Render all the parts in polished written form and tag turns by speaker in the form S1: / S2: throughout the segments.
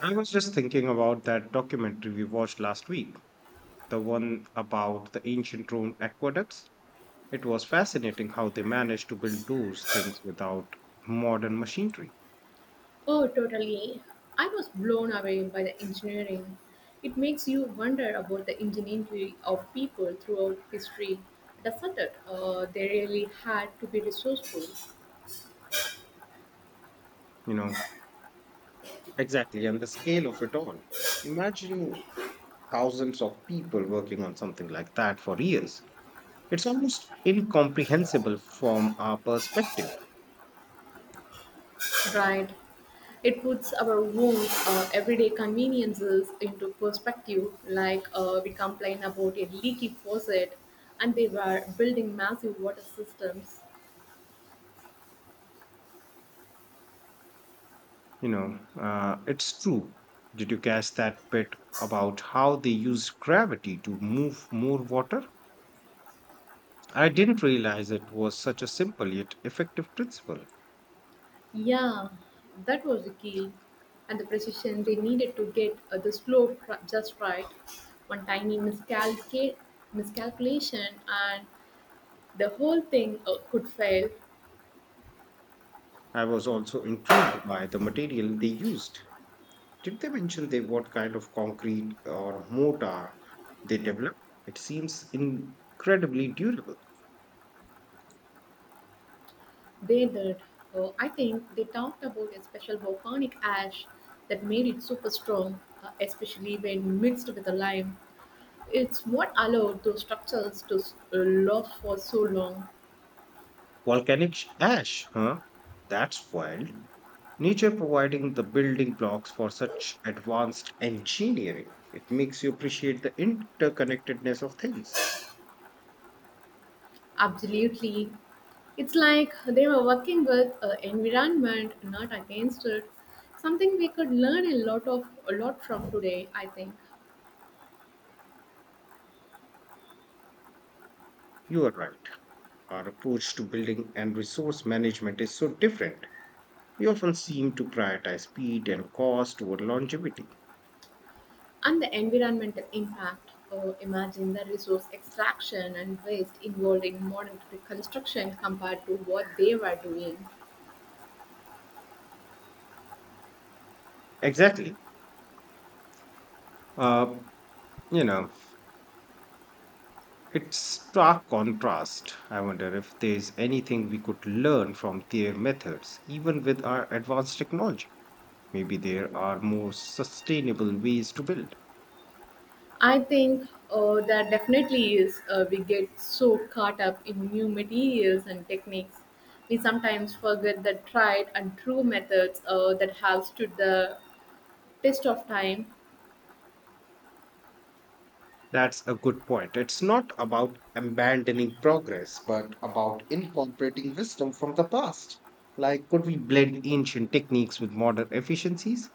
S1: I was just thinking about that documentary we watched last week, the one about the ancient Rome aqueducts. It was fascinating how they managed to build those things without modern machinery,
S2: Oh, totally. I was blown away by the engineering. It makes you wonder about the ingenuity of people throughout history, doesn't it? They really had to be resourceful,
S1: you know. Exactly, and the scale of it all. Imagine thousands of people working on something like that for years. It's almost incomprehensible from our perspective,
S2: right? It puts our own everyday conveniences into perspective, like we complain about a leaky faucet and they were building massive water systems.
S1: it's true. Did you catch that bit about how they used gravity to move more water? I didn't realize it was such a simple yet effective principle.
S2: Yeah, that was the key. And the precision they needed to get the just right. One miscalculation and the whole thing could fail.
S1: I was also intrigued by the material they used. Did they mention they what kind of concrete or mortar they developed? It seems incredibly durable.
S2: They did. I think they talked about a special volcanic ash that made it super strong, especially when mixed with the lime. It's what allowed those structures to last for so long.
S1: Volcanic sh- ash, huh? That's wild. Nature providing the building blocks for such advanced engineering. It makes you appreciate the interconnectedness of things.
S2: Absolutely. It's like they were working with environment, not against it. Something we could learn a lot from today, I think.
S1: You are right. Our approach to building and resource management is so different. We often seem to prioritize speed and cost over longevity.
S2: And the environmental impact. Oh, imagine the resource extraction and waste involved in modern construction compared to what they were doing.
S1: Exactly. Uh, you know, it's stark contrast. I wonder if there's anything we could learn from their methods, even with our advanced technology. Maybe there are more sustainable ways to build.
S2: I think that definitely is. We get so caught up in new materials and techniques, we sometimes forget the tried and true methods that have stood the test of time.
S1: That's a good point. It's not about abandoning progress, but about incorporating wisdom from the past. Like, could we blend ancient techniques with modern efficiencies?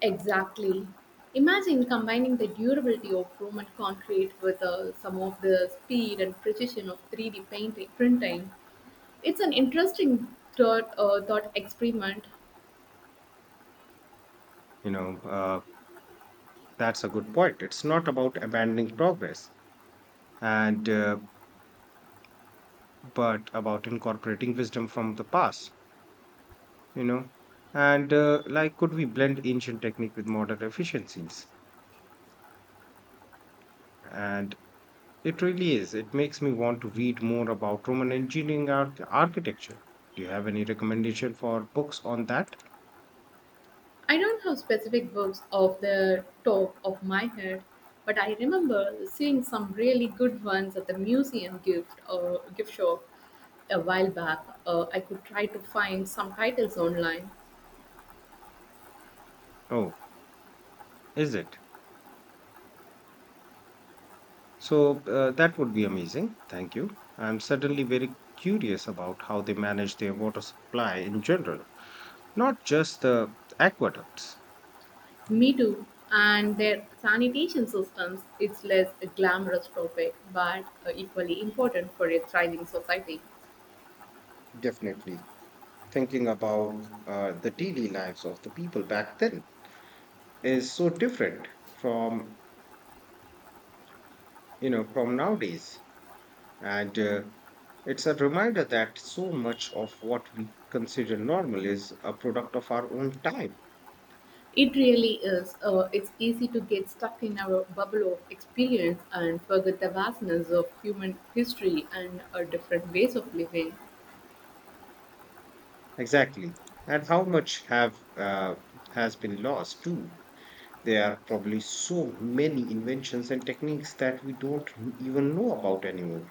S2: Exactly. Imagine combining the durability of Roman concrete with some of the speed and precision of 3D printing. It's an interesting thought experiment.
S1: You know, uh, that's a good point. It's not about abandoning progress, and but about incorporating wisdom from the past. You know and Like could we blend ancient technique with modern efficiencies and it really is it makes me want to read more about roman engineering architecture. Do you have any recommendation for books on that?
S2: I don't have specific books off the top of my head, but I remember seeing some really good ones at the museum gift or gift shop a while back. I could try to find some titles online.
S1: Oh is it so That would be amazing, thank you. I'm suddenly very curious about how they manage their water supply in general, not just the aqueducts.
S2: Me too. And their sanitation systems, it's less a glamorous topic, but equally important for a thriving society.
S1: Definitely thinking about the daily lives of the people back then is so different from from nowadays, and it's a reminder that so much of what we consider normal is a product of our own time.
S2: It really is. It's easy to get stuck in our bubble of experience and forget the vastness of human history and our different ways of living.
S1: Exactly, and how much have has been lost too. There are probably so many inventions and techniques that we don't even know about anymore.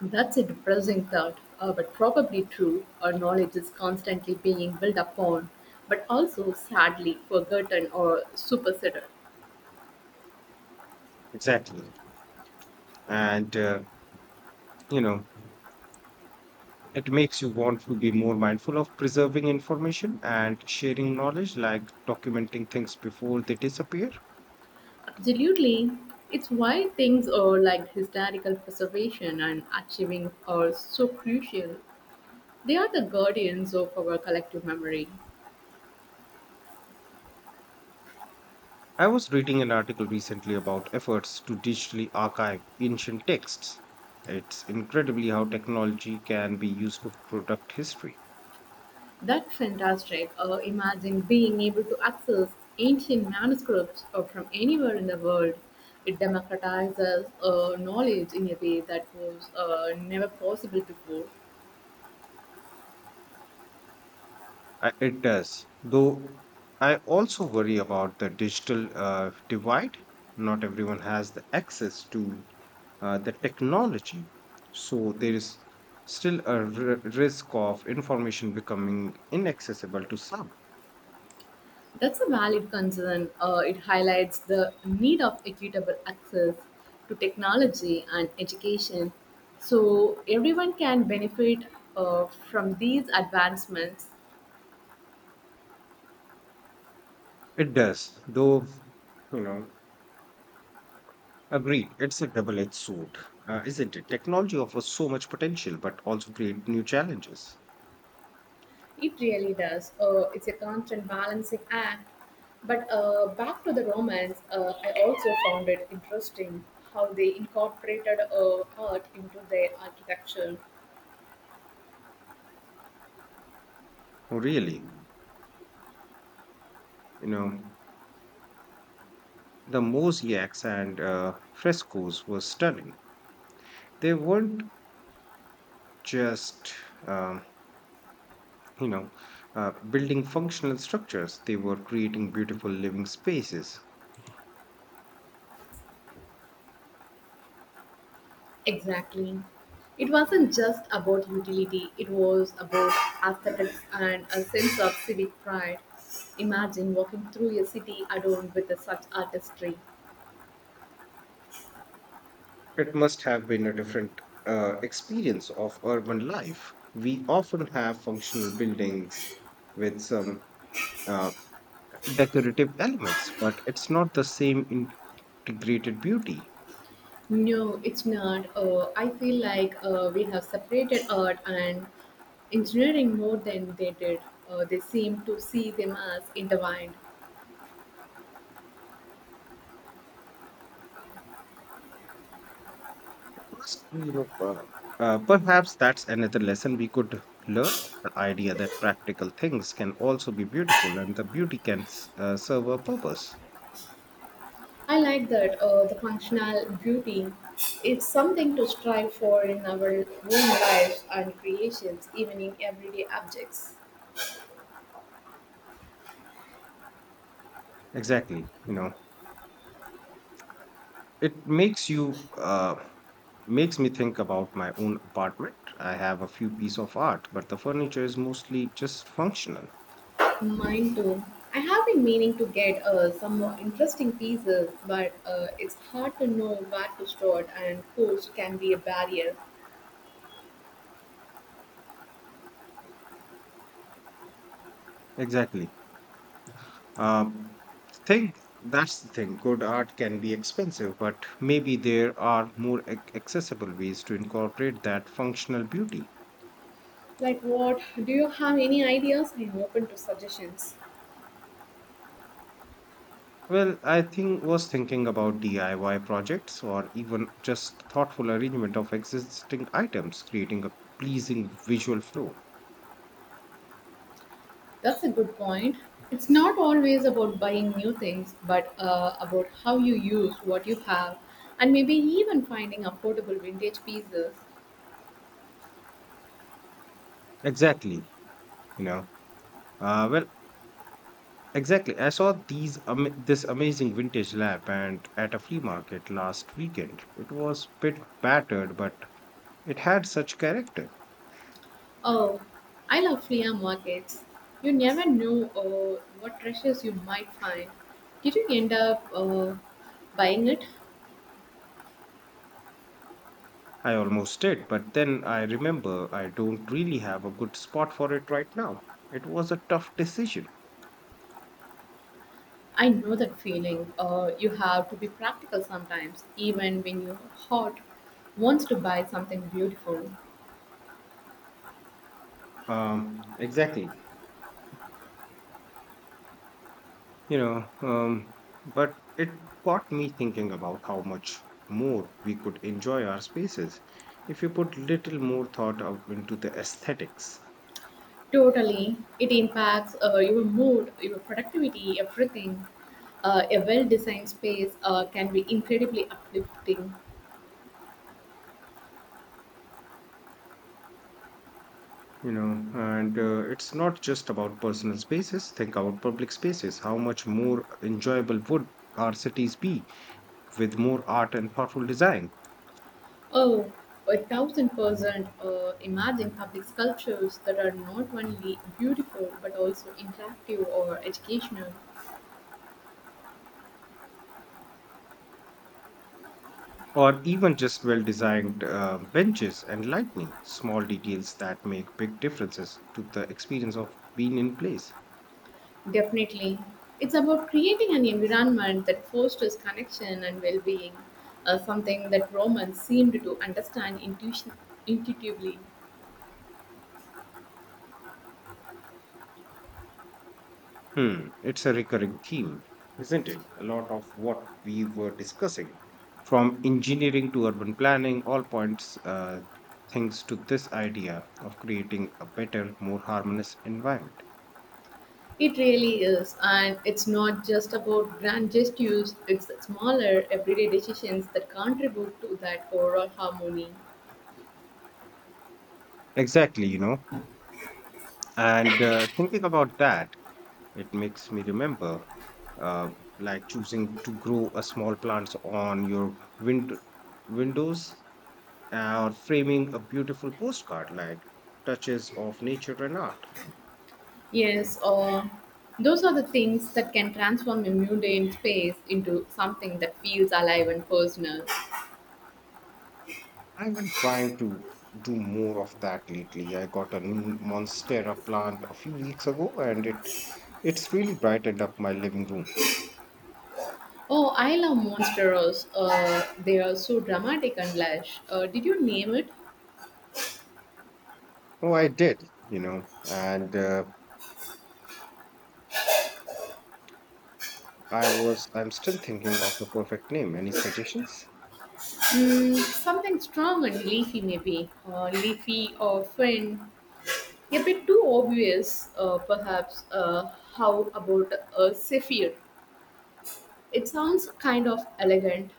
S2: That's a depressing thought, but probably true. Our knowledge is constantly being built upon, but also sadly forgotten or superseded.
S1: Exactly and uh, you know It makes you want to be more mindful of preserving information and sharing knowledge, like documenting things before they disappear.
S2: Absolutely. It's why things are like historical preservation and archiving are so crucial. They are the guardians of our collective memory.
S1: I was reading an article recently about efforts to digitally archive ancient texts. It's incredibly how technology can be used to protect history.
S2: That's fantastic. Imagine being able to access ancient manuscripts from anywhere in the world. It democratizes knowledge in a way that was never possible before.
S1: It does, though. I also worry about the digital divide. Not everyone has the access to the technology, so there is still a risk of information becoming inaccessible to some.
S2: That's a valid concern. It highlights the need of equitable access to technology and education so everyone can benefit from these advancements.
S1: It does, though, you know, agreed, it's a double edged sword, isn't it? Technology offers so much potential, but also create new challenges.
S2: It really does. It's a constant balancing act. But back to the Romans, I also found it interesting how they incorporated art into their architecture.
S1: Oh, really, you know. The mosaics and frescoes were stunning. They weren't just, um, you know, building functional structures, they were creating beautiful living spaces.
S2: Exactly. It wasn't just about utility, it was about aesthetics and a sense of civic pride. Imagine walking through a city adorned with such artistry.
S1: It must have been a different experience of urban life. We often have functional buildings with some uh, decorative elements, but it's not the same integrated beauty.
S2: No, it's not. I feel like we have separated art and engineering more than they did. They seem to see them as intertwined.
S1: Plus, perhaps that's another lesson we could learn, the idea that practical things can also be beautiful and the beauty can serve a purpose.
S2: I like that the functional beauty is something to strive for in our own lives and creations, even in everyday objects.
S1: Exactly, It makes you makes me think about my own apartment. I have a few piece of art but the furniture is mostly just functional.
S2: Mine too. I have been meaning to get some more interesting pieces, but it's hard to know where to start, and cost can be a barrier.
S1: Exactly. um think That's the thing, good art can be expensive but maybe there are more accessible ways to incorporate that functional beauty.
S2: Like what? Do you have any ideas? I am open to suggestions.
S1: Well, I think was thinking about DIY projects or even just thoughtful arrangement of existing items, creating a pleasing visual flow.
S2: That's a good point. It's not always about buying new things, but about how you use what you have, and maybe even finding affordable vintage pieces.
S1: Exactly, you know. Uh, well, exactly. I saw these ama this amazing vintage lamp and at a flea market last weekend. It was bit battered, but it had such character.
S2: Oh, I love flea markets. You never know what treasures you might find. Did you end up buying it?
S1: I almost did, but then I remember I don't really have a good spot for it right now. It was a tough decision.
S2: I know that feeling. You have to be practical sometimes, even when your heart wants to buy something beautiful.
S1: Exactly. You know, um, but it got me thinking about how much more we could enjoy our spaces if you put little more thought out into the aesthetics.
S2: Totally, it impacts your mood, your productivity, everything. A well-designed space can be incredibly uplifting.
S1: You know, and It's not just about personal spaces. Think about public spaces. How much more enjoyable would our cities be with more art and thoughtful design?
S2: Oh, a thousand percent. Imagine public sculptures that are not only beautiful but also interactive or educational.
S1: Or even just well designed benches and lighting, small details that make big differences to the experience of being in place.
S2: Definitely. It's about creating an environment that fosters connection and well being, something that Romans seemed to understand intuitively.
S1: Hmm, it's a recurring theme, isn't it? A lot of what we were discussing, from engineering to urban planning, all points things to this idea of creating a better, more harmonious environment.
S2: It really is, and it's not just about grand gestures, it's the smaller, everyday decisions that contribute to that overall harmony.
S1: Exactly, you know. And thinking about that, it makes me remember, uh, like choosing to grow a small plants on your windows or framing a beautiful postcard, like touches of nature and art.
S2: Yes, or those are the things that can transform a mundane space into something that feels alive and personal.
S1: I've been trying to do more of that lately. I got a new monstera plant a few weeks ago, and it's really brightened up my living room.
S2: Oh, I love Monsteros. They are so dramatic and lush. Did you name it?
S1: Oh, I did, you know, and I was I'm still thinking of the perfect name. Any suggestions?
S2: Mm, something strong and leafy, maybe. Leafy or fin. A bit too obvious, perhaps. How about a Zephyr? It sounds kind of elegant.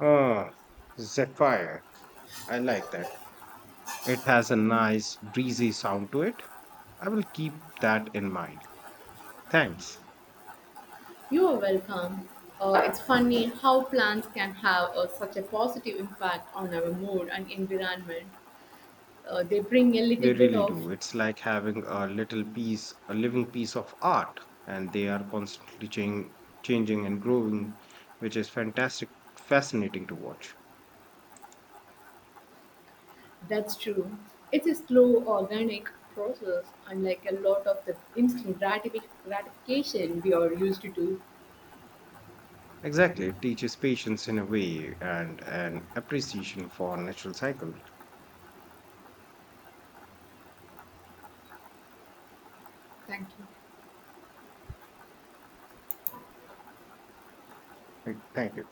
S1: Ah, Zephyr. I like that. It has a nice breezy sound to it. I will keep that in mind. Thanks.
S2: You are welcome. It's funny how plants can have such a positive impact on our mood and environment. They bring a little
S1: They
S2: bit
S1: really
S2: of
S1: do. It's like having a little piece, a living piece of art, and they are constantly changing and growing, which is fascinating to watch.
S2: That's true. It's a slow, organic process, unlike a lot of the gratification we are used to.
S1: Exactly. It teaches patience in a way and an appreciation for natural cycle.
S2: Thank you.
S1: Right, thank you.